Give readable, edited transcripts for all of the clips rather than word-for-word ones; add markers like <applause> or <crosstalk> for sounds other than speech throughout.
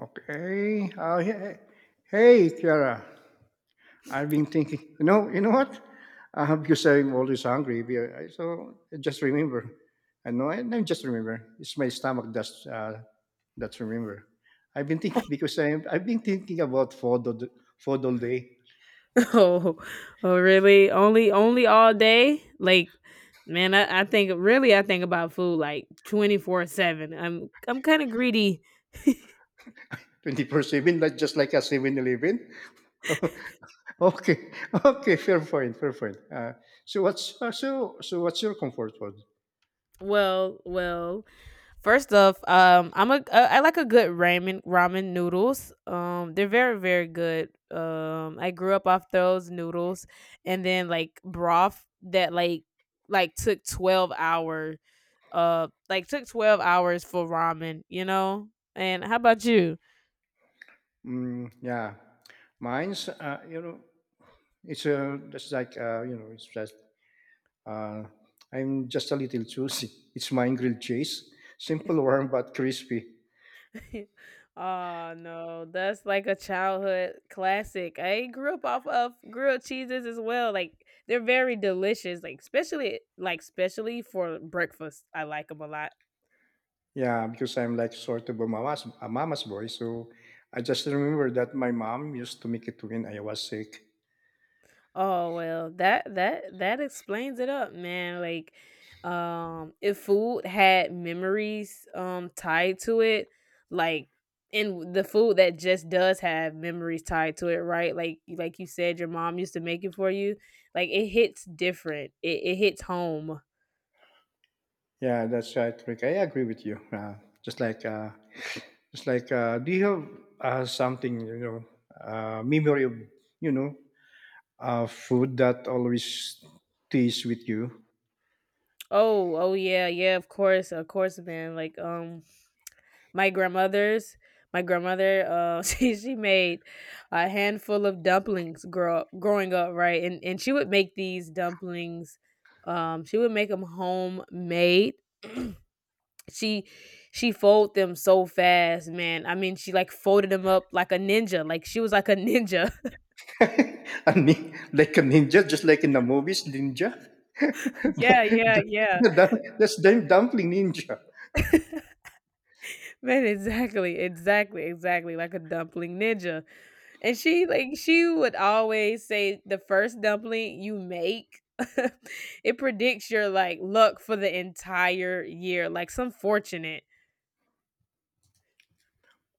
Okay. Kiara, I've been thinking. You know what? Because I'm always hungry. So I just remember. I know. I just remember. It's my stomach that's remember. I've been thinking because I've been thinking about food all day, Oh, <laughs> oh, really? Only, only all day? Like, man, I think really, I think about food like 24/7. I'm kind of greedy. 24/7, like just like a 7-Eleven. <laughs> okay, okay, fair point, fair point. So so what's your comfort food? Well, first off, I'm a, I like a good ramen noodles. They're very, very good. I grew up off those noodles, and then like broth that like, like took twelve hour, like took 12 hours for ramen. You know. And how about you? Mm, yeah, mine's It's just like you know, it's just uh, I'm just a little choosy. It's mine grilled cheese, simple, warm but crispy. <laughs> Oh no, that's like a childhood classic. I grew up off of grilled cheeses as well. Like they're very delicious, like especially for breakfast. I like them a lot. Yeah, because I'm like sort of a mama's boy, so I just remember that my mom used to make it when I was sick. Oh, well, that explains it up, man, like, if food had memories, tied to it, like and the food that just does have memories tied to it, right? Like you said, your mom used to make it for you, like, it hits different. It hits home. Yeah, that's right, Rick. I agree with you. Just like uh, just like do you have something, memory of, you know food that always stays with you? Oh, oh, yeah, yeah, of course, man, like, my grandmother's my grandmother <laughs> she made a handful of dumplings growing up, right? And she would make these dumplings, she would make them homemade. she she folded them so fast, man. I mean, she like folded them up like a ninja, like she was like a ninja. <laughs> A like a ninja, just like in the movies, ninja. <laughs> <laughs> yeah, yeah, the, yeah. the, dum- that's the dumpling ninja. Man, exactly, exactly, exactly, like a dumpling ninja. And she would always say the first dumpling you make, <laughs> it predicts your like luck for the entire year, like some fortunate.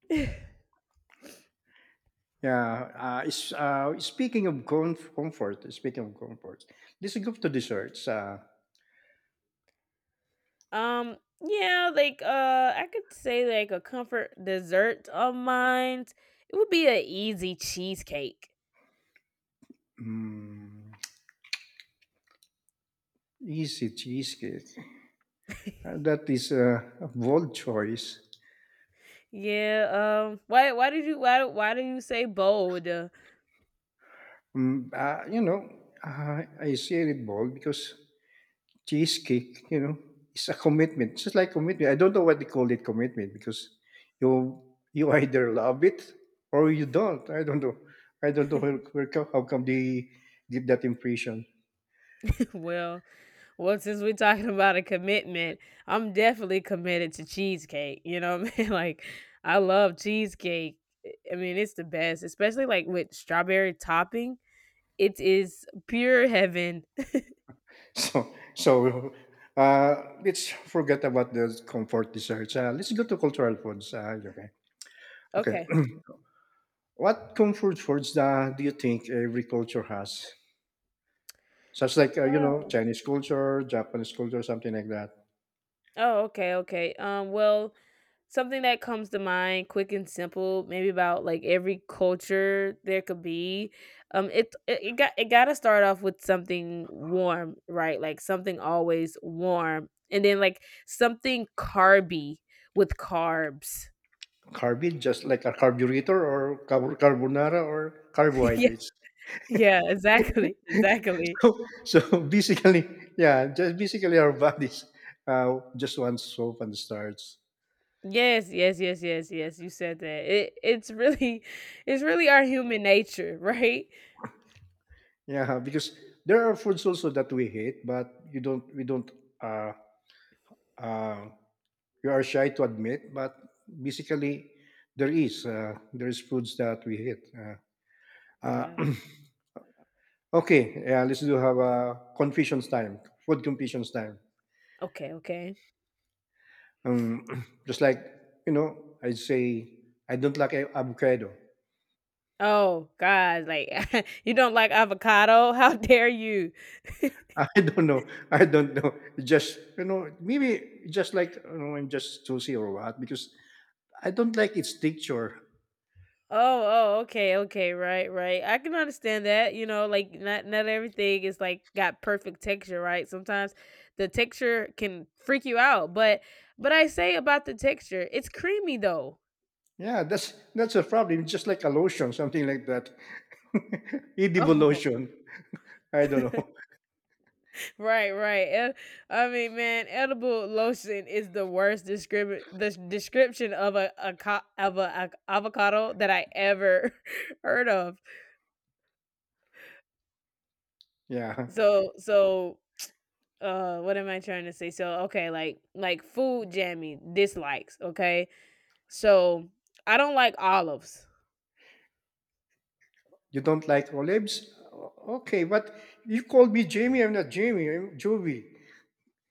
<laughs> Yeah. Is speaking of com- comfort, speaking of comfort, let's go to desserts. Um yeah, like I could say like a comfort dessert of mine. It would be an easy cheesecake. Mm, easy cheesecake. That is a bold choice. Yeah, why do you say bold? You know, I say it bold because cheesecake, you know, it's a commitment. It's just like commitment. I don't know what they call it commitment because you you either love it or you don't. I don't know. I don't know <laughs> how come they give that impression. well, Well, since we're talking <laughs> about a commitment, I'm definitely committed to cheesecake. You know what I mean? <laughs> Like, I love cheesecake. I mean, it's the best, especially like with strawberry topping. It is pure heaven. <laughs> So so uh, let's forget about the comfort desserts. Let's go to cultural foods. Okay. Okay. Okay. What comfort foods do you think every culture has? Such like you know, Oh. Chinese culture, Japanese culture, something like that. Oh, okay, okay. Well, something that comes to mind quick and simple, maybe about like every culture there could be. It it, it got to start off with something warm, right? Like something always warm, and then like something carby, with carbs. Carbid, just like a carbonara or <laughs> yeah, carbohydrates. <laughs> yeah, exactly. Exactly. So, so basically, yeah, just basically our bodies just want soap and starch. Yes, yes, yes, yes, yes. You said that. It's really <laughs> it's really our human nature, <laughs> right? Yeah, because there are foods also that we hate, but you don't, we don't, uh, uh, you are shy to admit, but basically there is foods that we hate. Uh, Yeah. uh, <clears throat> okay, yeah, let's do have a confessions time, food confessions time. Okay, okay. <clears throat> Just like, you know, I say, I don't like a- avocado. Oh god, like, <laughs> you don't like avocado? <laughs> How dare you? <laughs> I don't know. I don't know. It just, you know, maybe just like, you know, I'm just choosy or what, because I don't like its texture. Oh, oh, okay, okay, right, right. I can understand that, you know, like, not everything is, like, got perfect texture, right? Sometimes the texture can freak you out, but I say about the texture, it's creamy though. Yeah, that's a problem. It's just like a lotion, something like that. <laughs> Edible Oh. lotion. I don't know. <laughs> <laughs> Right, right. Eh, I mean, man, edible lotion is the worst descrip the description of a co of a avocado that I ever <laughs> heard of. Yeah. So so, what am I trying to say? So, okay, like food jammy dislikes, okay? So, I don't like olives. You don't like olives? Okay, but you called me Jamie. I'm not Jamie. I'm Jovi.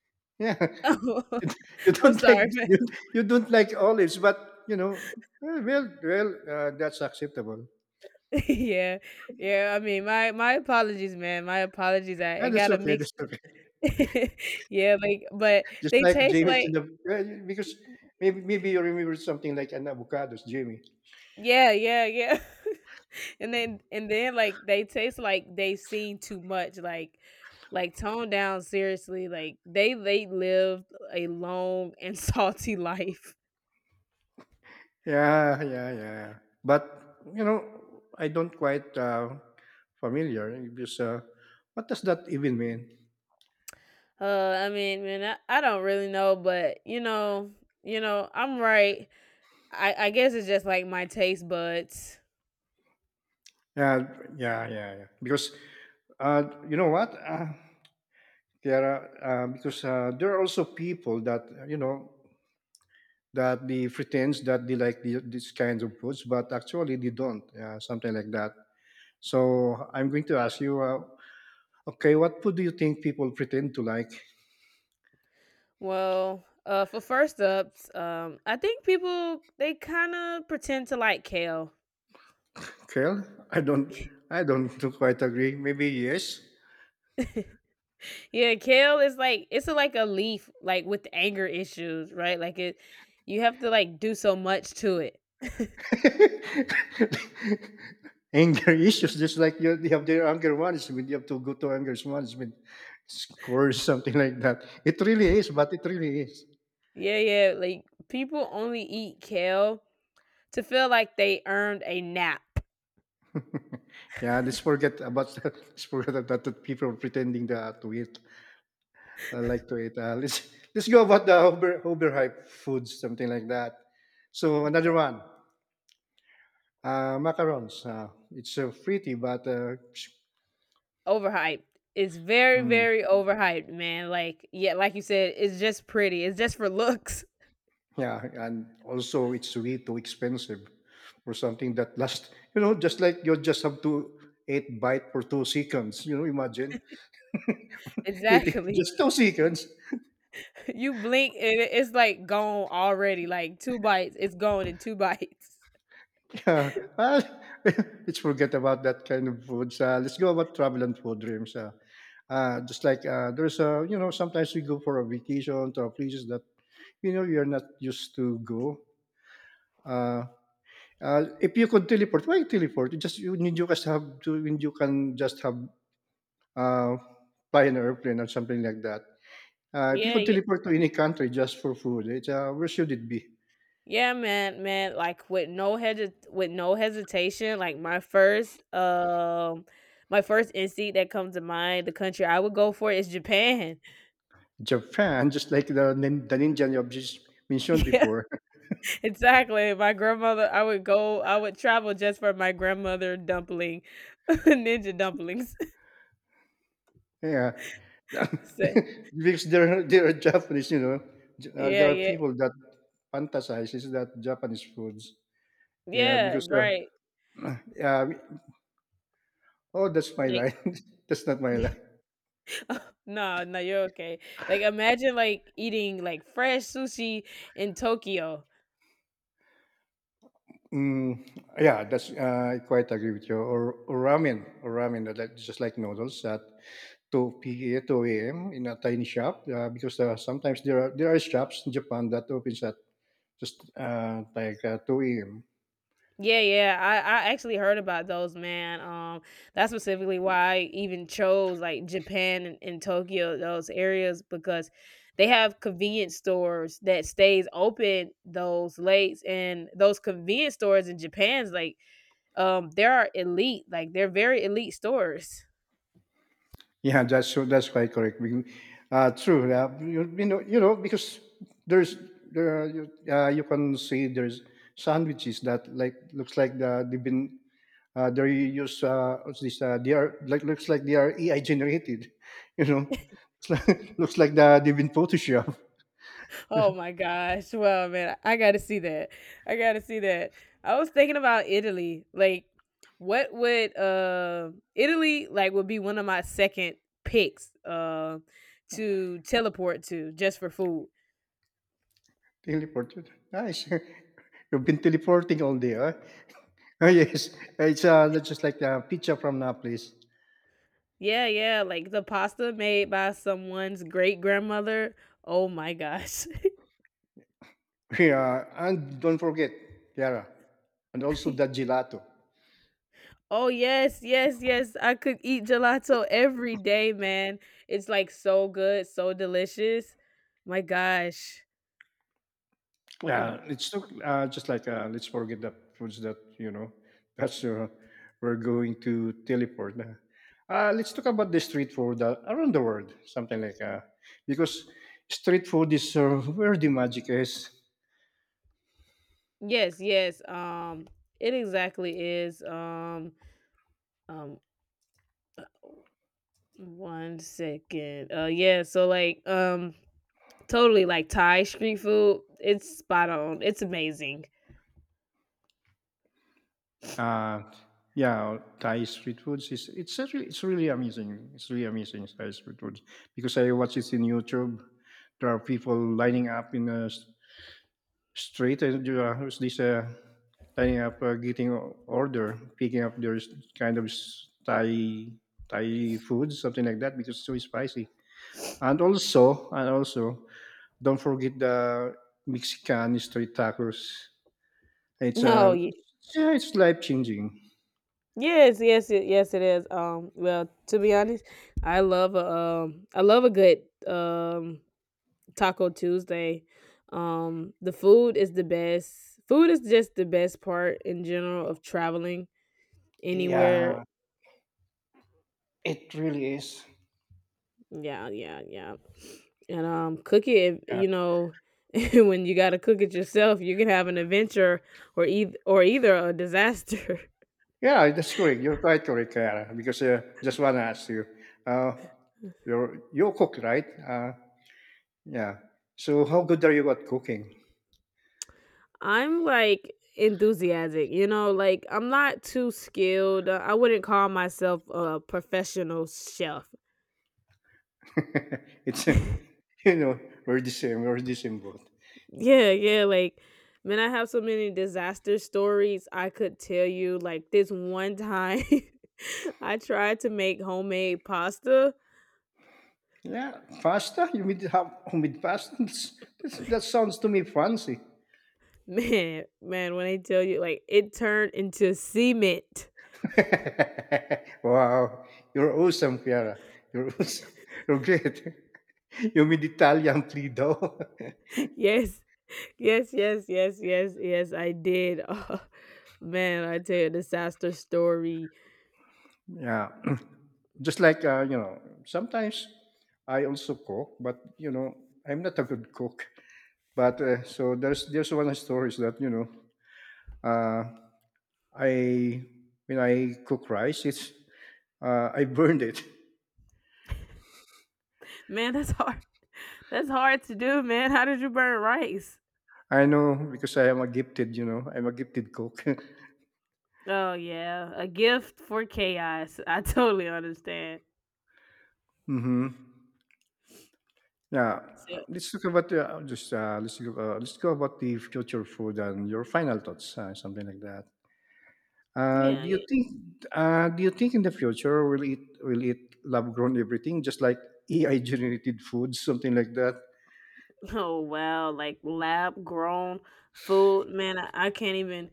<laughs> Yeah. <laughs> <laughs> You I'm don't like sorry, man. you you don't like olives, but, you know, well, that's acceptable. <laughs> Yeah. Yeah, I mean, my apologies, man. My apologies. I Ah, I that's got a okay, mix. that's okay. <laughs> Yeah, like but <laughs> Just they like taste Jamie's in like. the well, because maybe you remember something like an avocados, Jamie. Yeah, yeah, yeah. <laughs> And then like they taste like they've seen too much, like toned down seriously. Like they lived a long and <laughs> salty life. Yeah. But, you know, I don't quite, familiar because, what does that even mean? I mean, man, I don't really know, but you know, I'm right. I guess it's just like my taste buds. Yeah, yeah. Uh, you know what, Kiara, there are also people you know, that they pretends that they like this kind of foods, but actually they don't, yeah, something like that. So I'm going to ask you, okay, what food do you think people pretend to like? Well, for first ups, I think people they kinda pretend to like kale. Kale? I don't <laughs> quite agree. Maybe yes. Yeah, kale is like it's a, like a leaf like with anger issues, right? Like it you have to like do so much to it. <laughs> Anger issues, just like you have their anger management, you have to go to anger management course, something like that. It really is, but it really is. Yeah, yeah, like people only eat kale to feel like they earned a nap. Yeah, let's forget about <laughs> let's forget about that people pretending that to eat I like to eat. Let's <laughs> let's go about the overhyped foods, something like that. So another Okay. one, macarons. It's pretty, but Overhyped. It's very, very mm, overhyped, man. Like yeah, like you said, it's just pretty. It's just for looks. <laughs> yeah, and also it's way too expensive for something that lasts. You know, just like you just have to eat bite for 2 seconds. You know, imagine <laughs> eating Exactly. just 2 seconds. <laughs> You blink and it's like gone already. Like two bites, it's gone in two bites. <laughs> Yeah, well, <laughs> let's forget about that kind of foods. Let's go about travel and food dreams. Just like there's a, you know, sometimes we go for a vacation to a places that, you know, you're not used to go. Uh, if you could teleport, why teleport? You just you, need you just have to, when you can just have uh, fly an airplane or something like that. If you Yeah, could yeah. teleport to any country just for food, where should it be? Yeah, man, man, like with no hesit with no hesitation, like my first instinct that comes to mind, the country I would go for is Japan. <laughs> Japan, <laughs> just like the ninja you just mentioned Yeah, before. exactly. My grandmother I would go I would travel just for my grandmother dumpling, <laughs> ninja dumplings. <laughs> Yeah, So, <laughs> because there are Japanese, you know, yeah, there are yeah. people that fantasizes that Japanese foods. Yeah, Yeah, because right. uh, uh, oh, that's my Like line. <laughs> That's not my line. <laughs> no, no, you're okay. Like imagine like eating like fresh sushi in Tokyo. Mm, yeah, that's I quite agree with you. Or ramen, just like noodles at 2 p.m. 2 a.m. in a tiny shop. Because Sometimes there are shops in Japan that opens at just like 2 a.m. Yeah, yeah. I actually heard about those, man. That's specifically why I even chose like Japan and Tokyo, those areas, because they have convenience stores that stays open those late. And those convenience stores in Japan's like they are elite, like they're very elite stores. Yeah, that's quite correct. True. You know, you know, because there's there are, you can see there's sandwiches that like looks like they've been they use what's this? They are like looks like they are AI generated. <laughs> You know, it's like- <laughs> looks like they've been photoshopped. Oh my gosh. Well, man, I got to see that. I got to see that. I was thinking about Italy. Like what would Italy like would be one of my second picks to teleport to just for food. Teleported. Nice. <laughs> You've been teleporting all day, huh? <laughs> Oh yes, it's that's just like the pizza from Naples. Yeah, yeah, like the pasta made by someone's great grandmother. Oh my gosh. Yeah, and don't forget, Kiara, and also <laughs> the gelato. oh yes, yes, yes. I could eat gelato every day, man. It's like so good, so delicious. My gosh. Mm. Yeah, it's not, just like let's forget the foods that you know. <laughs> That's we're going to teleport. Let's talk about the street food around the world, something like because street food is where the magic is. Yes, yes. It exactly is. Um, uh, one second. Yeah. So like, totally like Thai street food. It's spot on. It's amazing. Uh, yeah, Thai street foods is it's really amazing. It's really amazing Thai street foods because I watch it in YouTube. There are people lining up in a street and there's this lining up getting order picking up there's kind of thai food something like that because it's so spicy and also don't forget the mexican street tacos it's Oh, yeah it's life changing. yes, yes, yes. It is. Well, to be honest, I love a good Taco Tuesday. The food is the best. Food is just the best part in general of traveling anywhere. Yeah, it really is. Yeah, yeah, yeah. And cook it. Yeah. You know, <laughs> when you got to cook it yourself, you can have an adventure or either a disaster. Yeah, that's correct, you're quite correct, Kara. Because just want to ask you, uh you, you cook right? Yeah. So how good are you at cooking? <laughs> I'm like enthusiastic. You know, like I'm not too skilled. I wouldn't call myself a professional chef. <laughs> It's <laughs> <laughs> you know we're the same. We're the same boat. yeah, yeah. Like, man, I have so many disaster stories I could tell you. Like this one time, <laughs> I tried to make homemade pasta. Yeah, pasta. You mean how homemade pasta? <laughs> That's, that sounds to me fancy. <laughs> Man, man, when I tell you, like, it turned into cement. <laughs> <laughs> Wow, you're awesome, Chiara. You're awesome. <laughs> You're great. <laughs> You mean Italian Plido? <laughs> Yes, yes, yes, yes, yes, yes, I did. <laughs> Oh, man, I tell you, a disaster story. Yeah. <clears throat> Just like you know, sometimes I also cook, but you know, I'm not a good cook. But there's one story that you know. Uh, I when I cook rice, it's I burned it. Man, that's hard. That's hard to do, man. How did you burn rice? <laughs> I know because I am a gifted, you know, I'm a gifted cook. Oh, yeah, a gift for chaos. <laughs> I totally understand. <laughs> Hmm. Yeah, So, let's look, let's go about the future food and your final thoughts, something like that. Yeah, yeah. Do you think in the future will it lab grown everything just like AI generated food, <laughs> something like that? Oh wow, like lab grown food, man. I can't even,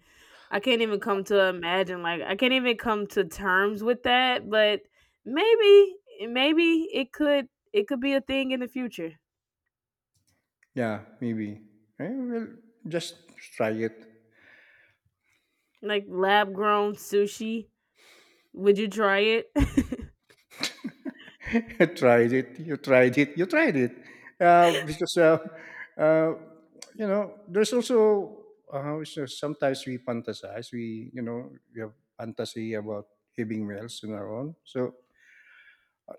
I can't even come to imagine, like I can't even come to terms with that, but maybe maybe it could be a thing in the future. Yeah, maybe. Eh, well, just try it. Like lab grown sushi. Would you try it? <laughs> You tried it. You tried it. You tried it. Uh, because, uh, uh, you know, there's also how is sometimes we fantasize. We, you know, we have fantasy about having meals on our own. So,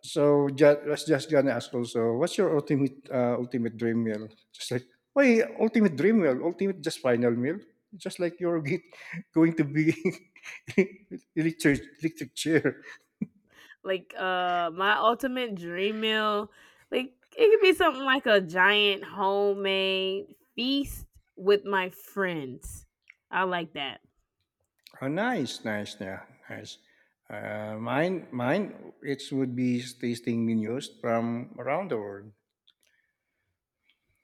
so just, I was just gonna ask also, what's your ultimate ultimate dream meal? Just like, why ultimate dream meal? Ultimate just final meal? Just like you're <laughs> get, going to be <laughs> electric chair. <laughs> like my ultimate dream meal. Like it could be something like a giant homemade feast with my friends. I like that. Oh, nice, nice, yeah, nice. Mine, it would be tasting menus from around the world.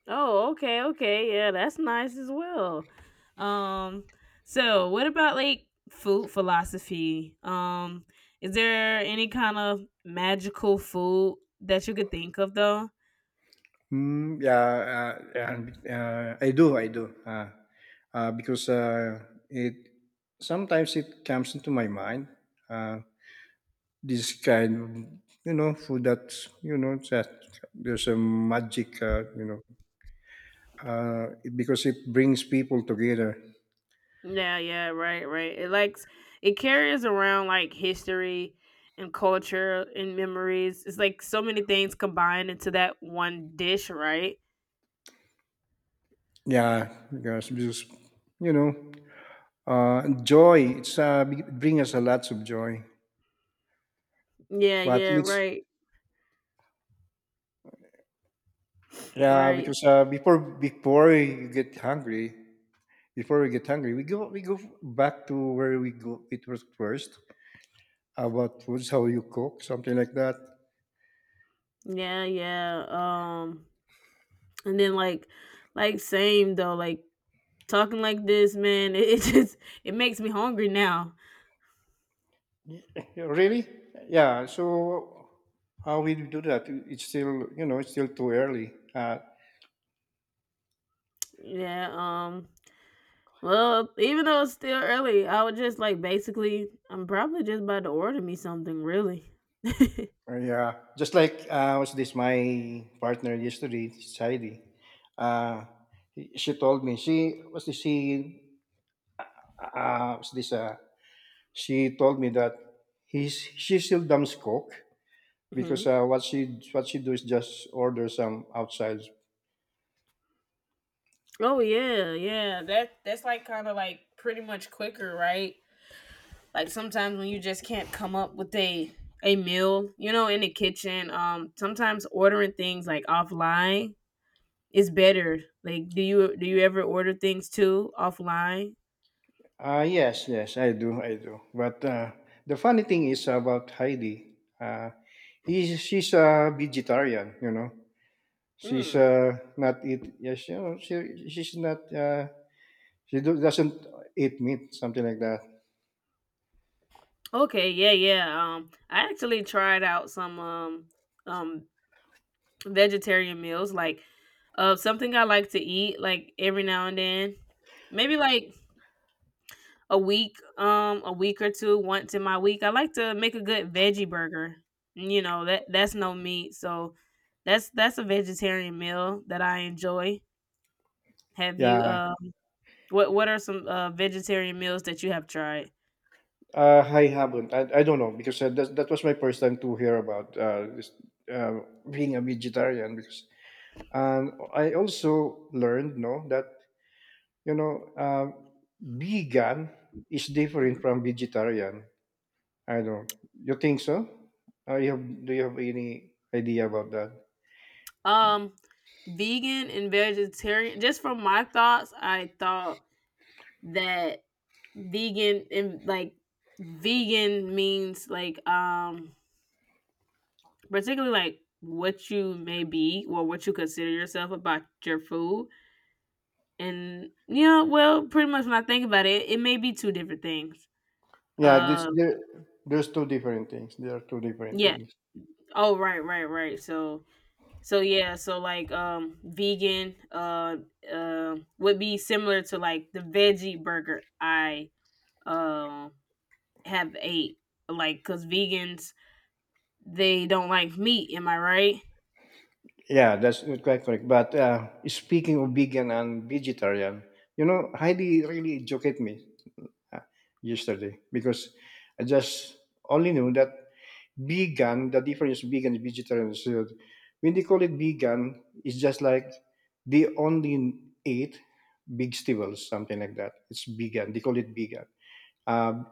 Oh, okay, okay. Yeah, that's nice as well. Um, so what about like food philosophy? Is there any kind of magical food that you could think of though? Hmm. Yeah, I do, I do. Because it sometimes it comes into my mind. Uh, this kind, of, you know, food that's you know that there's a magic, because it brings people together. Yeah, yeah, right, right. It likes it carries around like history and culture and memories. It's like so many things combined into that one dish, right? Yeah, because you know. Joy. It's bring us a lots of joy. Yeah, But yeah, let's right. yeah, Right. because before you get hungry, before we get hungry, we go back to where we go. It was first about foods, how you cook, something like that. <laughs> Yeah, yeah. And then like same though, like talking like this, man, <laughs> it makes me hungry now. Y- Really? Yeah. So how we do that? It's still you know it's still too early. Yeah, well, even though it's still early, I would just basically I'm probably just about to order me something, really. <laughs> Yeah. Just like was this my partner yesterday, Heidi. Uh, she told me she what's this she told me that he's she still dumps coke hmm. because what she do is just order some outside. Oh yeah, yeah. That's like kind of like pretty much quicker, right? Like sometimes when you just can't come up with a meal, you know, in the kitchen. Sometimes ordering things like offline is better. Like, do you ever order things too offline? Yes, yes, I do, I do. But the funny thing is about Heidi. He's She's a vegetarian, you know. She's Mm. Not eat. Yes, you know, she's not. Doesn't eat meat, something like that. Okay, yeah, yeah. I actually tried out some um vegetarian meals, like something I like to eat like every now and then. Maybe like a week or two, once in my week. I like to make a good veggie burger. You know, that that's no meat, so that's a vegetarian meal that I enjoy. Have you Yeah. What are some vegetarian meals that you have tried? I haven't. I don't know because that was my first time to hear about this, being a vegetarian. Because and I also learned, no, that you know, um, vegan is different Mhm. from vegetarian. I don't. You think so? Do you have any idea about that? Um, vegan and vegetarian. Just from my thoughts, I thought that vegan and like vegan means like particularly like what you may be or what you consider yourself about your food, and you know well, pretty much when I think about it, it may be two different things. Yeah, this uh there. There's two different things. There are two different yeah. things. Oh, right, right, right. So, so yeah, so like vegan, would be similar to like the veggie burger I um have ate, like cuz vegans they don't like meat, am I right? Yeah, that's quite correct. But speaking of vegan and vegetarian, you know, Heidi really educate me uh, yesterday because I just only knew that vegan, the difference vegan and vegetarian is when they call it vegan, it's just like they only eat vegetables, something like that. It's vegan. They call it vegan. Uh,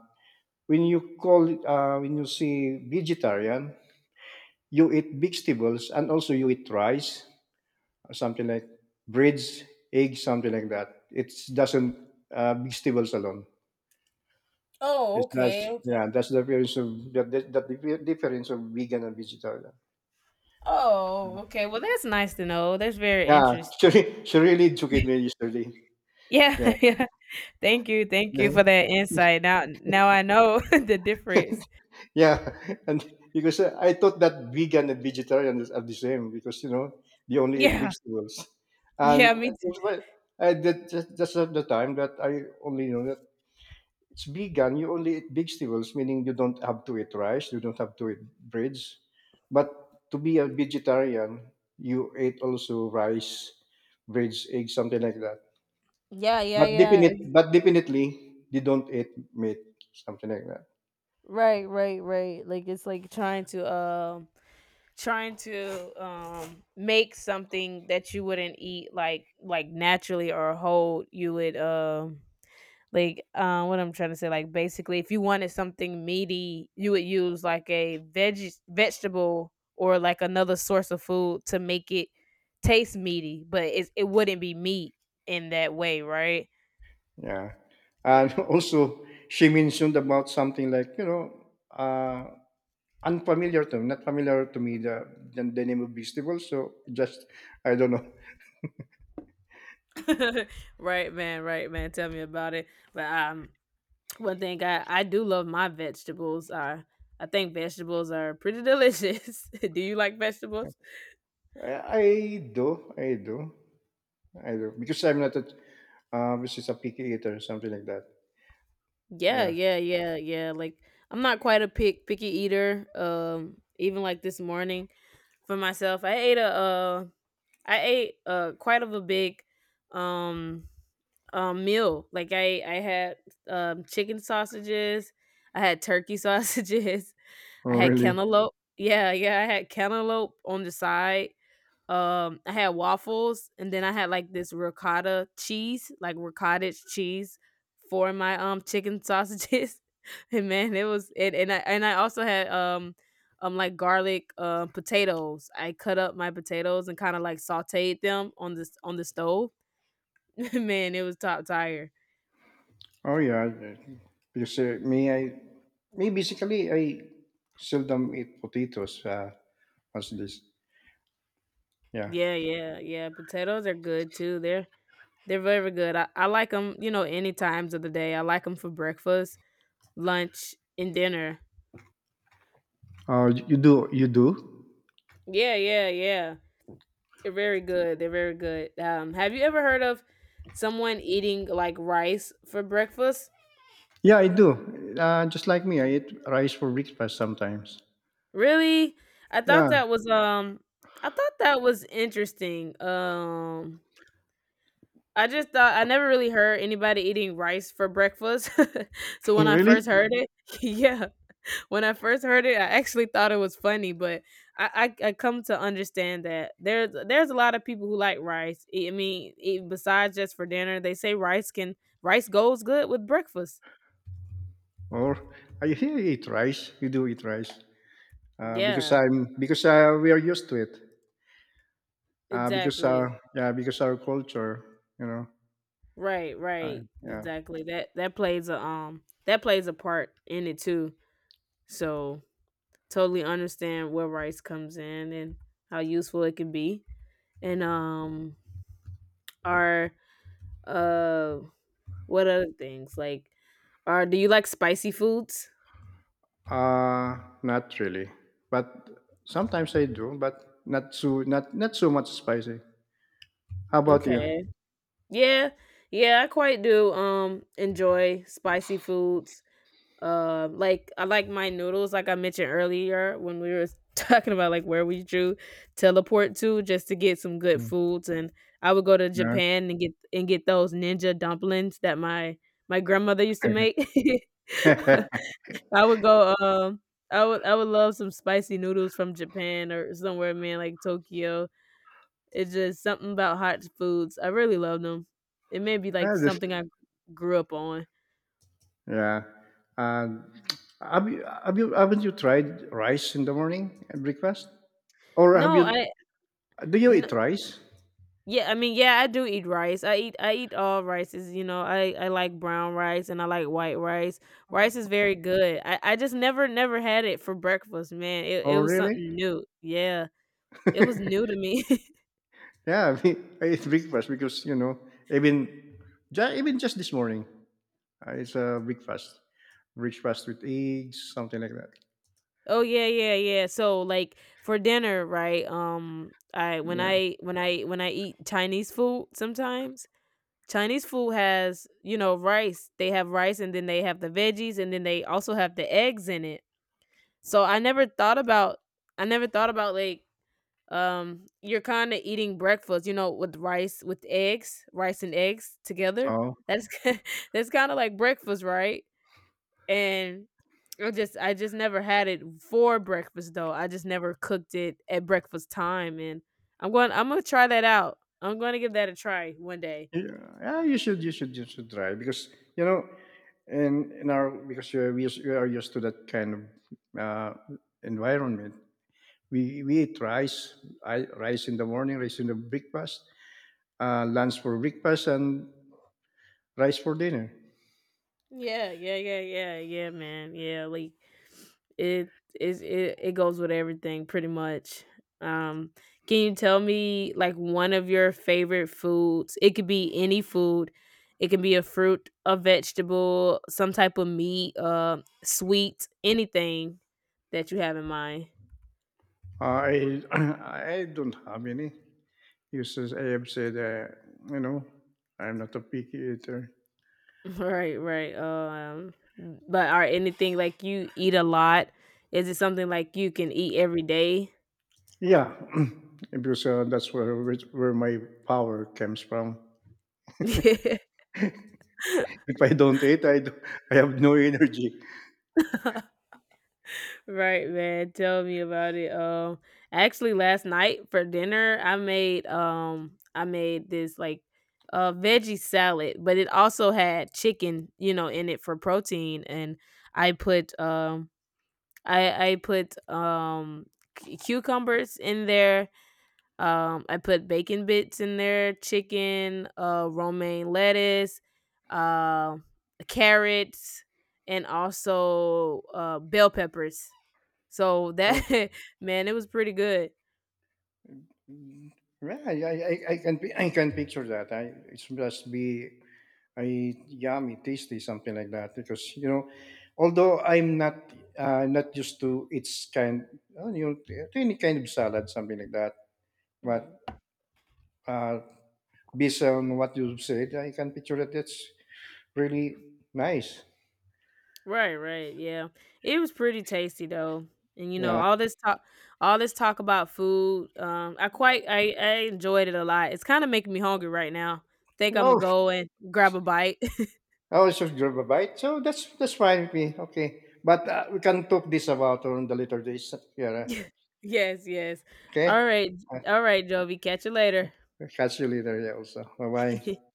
when you see vegetarian, you eat vegetables and also you eat rice, something like breads, eggs, something like that. It doesn't vegetables alone. Oh, It's okay, that's okay. Yeah, that's the difference of difference of vegan and vegetarian. Oh, Mm. okay. Well, that's nice to know. That's very Yeah, <laughs> interesting. She really educated me yesterday. Yeah, Yeah, <laughs> yeah. Thank you. Thank you for <laughs> that insight. Now now I know <laughs> the difference. yeah, and because I thought that vegan and vegetarian is- are the same because you know they only eat Yeah. vegetables, and Yeah, me too. that's why I did just at the time that I only know that it's vegan. You only eat vegetables, meaning you don't have to eat rice. You don't have to eat breads. But to be a vegetarian, you eat also rice, breads, eggs, something like that. Yeah, yeah, yeah. But definitely, they don't eat meat, something like that. Right, right, right. Like it's like trying to trying to make something that you wouldn't eat like naturally or whole you would like what I'm trying to say like basically if you wanted something meaty you would use like a veggie vegetable or like another source of food to make it taste meaty but it wouldn't be meat in that way, right? Yeah. And Yeah. <laughs> also, she mentioned about something like, you know, unfamiliar to me, not familiar to me, the name of vegetables. So just, I don't know. <laughs> Right, man. Right, man, tell me about it. But One thing I do love my vegetables. I think vegetables are pretty delicious. <laughs> Do you like vegetables? I, I do, I do. Either because I'm not a obviously it's a picky eater, something like that. Yeah, Yeah. yeah, yeah, yeah. Like I'm not quite a picky eater. Even like this morning for myself, I ate quite of a big um meal. Like I had chicken sausages, I had turkey sausages, <laughs> Oh I had really? cantaloupe. Yeah, yeah, I had cantaloupe on the side. I had waffles and then I had like this ricotta cheese, like ricotta cheese for my chicken sausages. <laughs> And man, it was it and I also had like garlic potatoes. I cut up my potatoes and kind of like sauteed them on this on the stove. <laughs> Man, it was top tier. Oh yeah. Because me, basically I seldom eat potatoes. As this. Yeah. Yeah, yeah, yeah. Potatoes are good too. They're very good. I like them, you know, any times of the day. I like them for breakfast, lunch, and dinner. Oh, y- you do. You do. Yeah, yeah, yeah. They're very good. They're very good. Have you ever heard of someone eating like rice for breakfast? Yeah, I do. Just like me, I eat rice for breakfast sometimes. Really? I thought Yeah. that was um I thought that was interesting. I just thought I never really heard anybody eating rice for breakfast. <laughs> So <laughs> when I first really? heard it, <laughs> yeah. When I first heard it, I actually thought it was funny, but I come to understand that there's a lot of people who like rice. I mean, besides just for dinner, they say rice goes good with breakfast. Or I hear you eat rice. You do eat rice. Because Yeah, I'm because we are used to it. Because exactly. Yeah, because our culture, you know. Right, right, Yeah. exactly. That plays a that plays a part in it too. So totally understand where rice comes in and how useful it can be, and our uh what other things like Or do you like spicy foods? Uh, Not really. But sometimes I do, but not not not so much spicy. How about you? Okay. Yeah. Yeah, I quite do enjoy spicy foods. Like I like my noodles, like I mentioned earlier when we were <laughs> talking about like where we drew teleport to just to get some good Mm. foods. And I would go to Yeah. Japan and get those ninja dumplings that my grandmother used to make. <laughs> <laughs> I would go um I would love some spicy noodles from Japan or somewhere, man, like Tokyo. It's just something about hot foods. I really love them. It may be like Yeah, something I grew up on. yeah. And have you haven't you tried rice in the morning at breakfast? Or have No, you do you n- eat rice? yeah, I mean, yeah, I do eat rice. I eat all rices, you know. I like brown rice and I like white rice. Rice is very good. I just never had it for breakfast, man. It Oh was really? something new. Yeah. It was new to <laughs> me. <laughs> yeah, I mean, I eat breakfast because you know even even just this morning it's a breakfast breakfast with eggs something like that. Oh yeah, yeah, yeah. So like for dinner, right? I when Yeah. I when I when I eat Chinese food sometimes Chinese food has, you know, rice. They have rice and then they have the veggies and then they also have the eggs in it. So I never thought about I never thought about like you're kind of eating breakfast, you know, with rice with eggs, rice and eggs together. Oh, That's <laughs> that's kind of like breakfast, right? And I just never had it for breakfast though. I just never cooked it at breakfast time and I'm going to try that out. I'm going to give that a try one day. yeah, yeah. You should, you should try because you know, in our because you're, we are used to that kind of environment. We eat rice, rice in the morning, rice in the breakfast, lunch for breakfast, and rice for dinner. Yeah, yeah, yeah, yeah, yeah, man. Yeah, like it it it goes with everything pretty much. Um can you tell me like one of your favorite foods? It could be any food. It can be a fruit, a vegetable, some type of meat, sweet, anything that you have in mind. <laughs> I <clears throat> I don't have any. Because as I have said, you know, I'm not a picky eater. Right, right. But are anything like you eat a lot? Is it something like you can eat every day? Yeah. <clears throat> because that's where my power comes from. <laughs> If I don't eat, I have no energy. Right, man. Tell me about it. Actually, last night for dinner, I made this like veggie salad, but it also had chicken, you know, in it for protein, and I put um, I put cucumbers in there. I put bacon bits in there, chicken, romaine lettuce, uh, carrots, and also bell peppers so that Oh, <laughs> man, it was pretty good. mm, yeah, I can I can picture that. I it's must be I yummy, tasty, something like that. Because you know, although I'm not not used to its kind, you know, to any kind of salad, something like that. But hmm uh, based on what you said, I can picture that. That's really nice. Right, right. Yeah. It was pretty tasty though. And you know, Yeah. All this talk about food, I enjoyed it a lot. It's kind of making me hungry right now. Think I'm gonna Oh, go and grab a bite. oh, it's just grab a bite. So that's fine with me. Okay, but we can talk this about on the later days, Kiara. <laughs> Yes, yes. All Okay, right. uh, All right, Jovi. Catch you later. catch you later. Yeah, also. Bye bye. <laughs>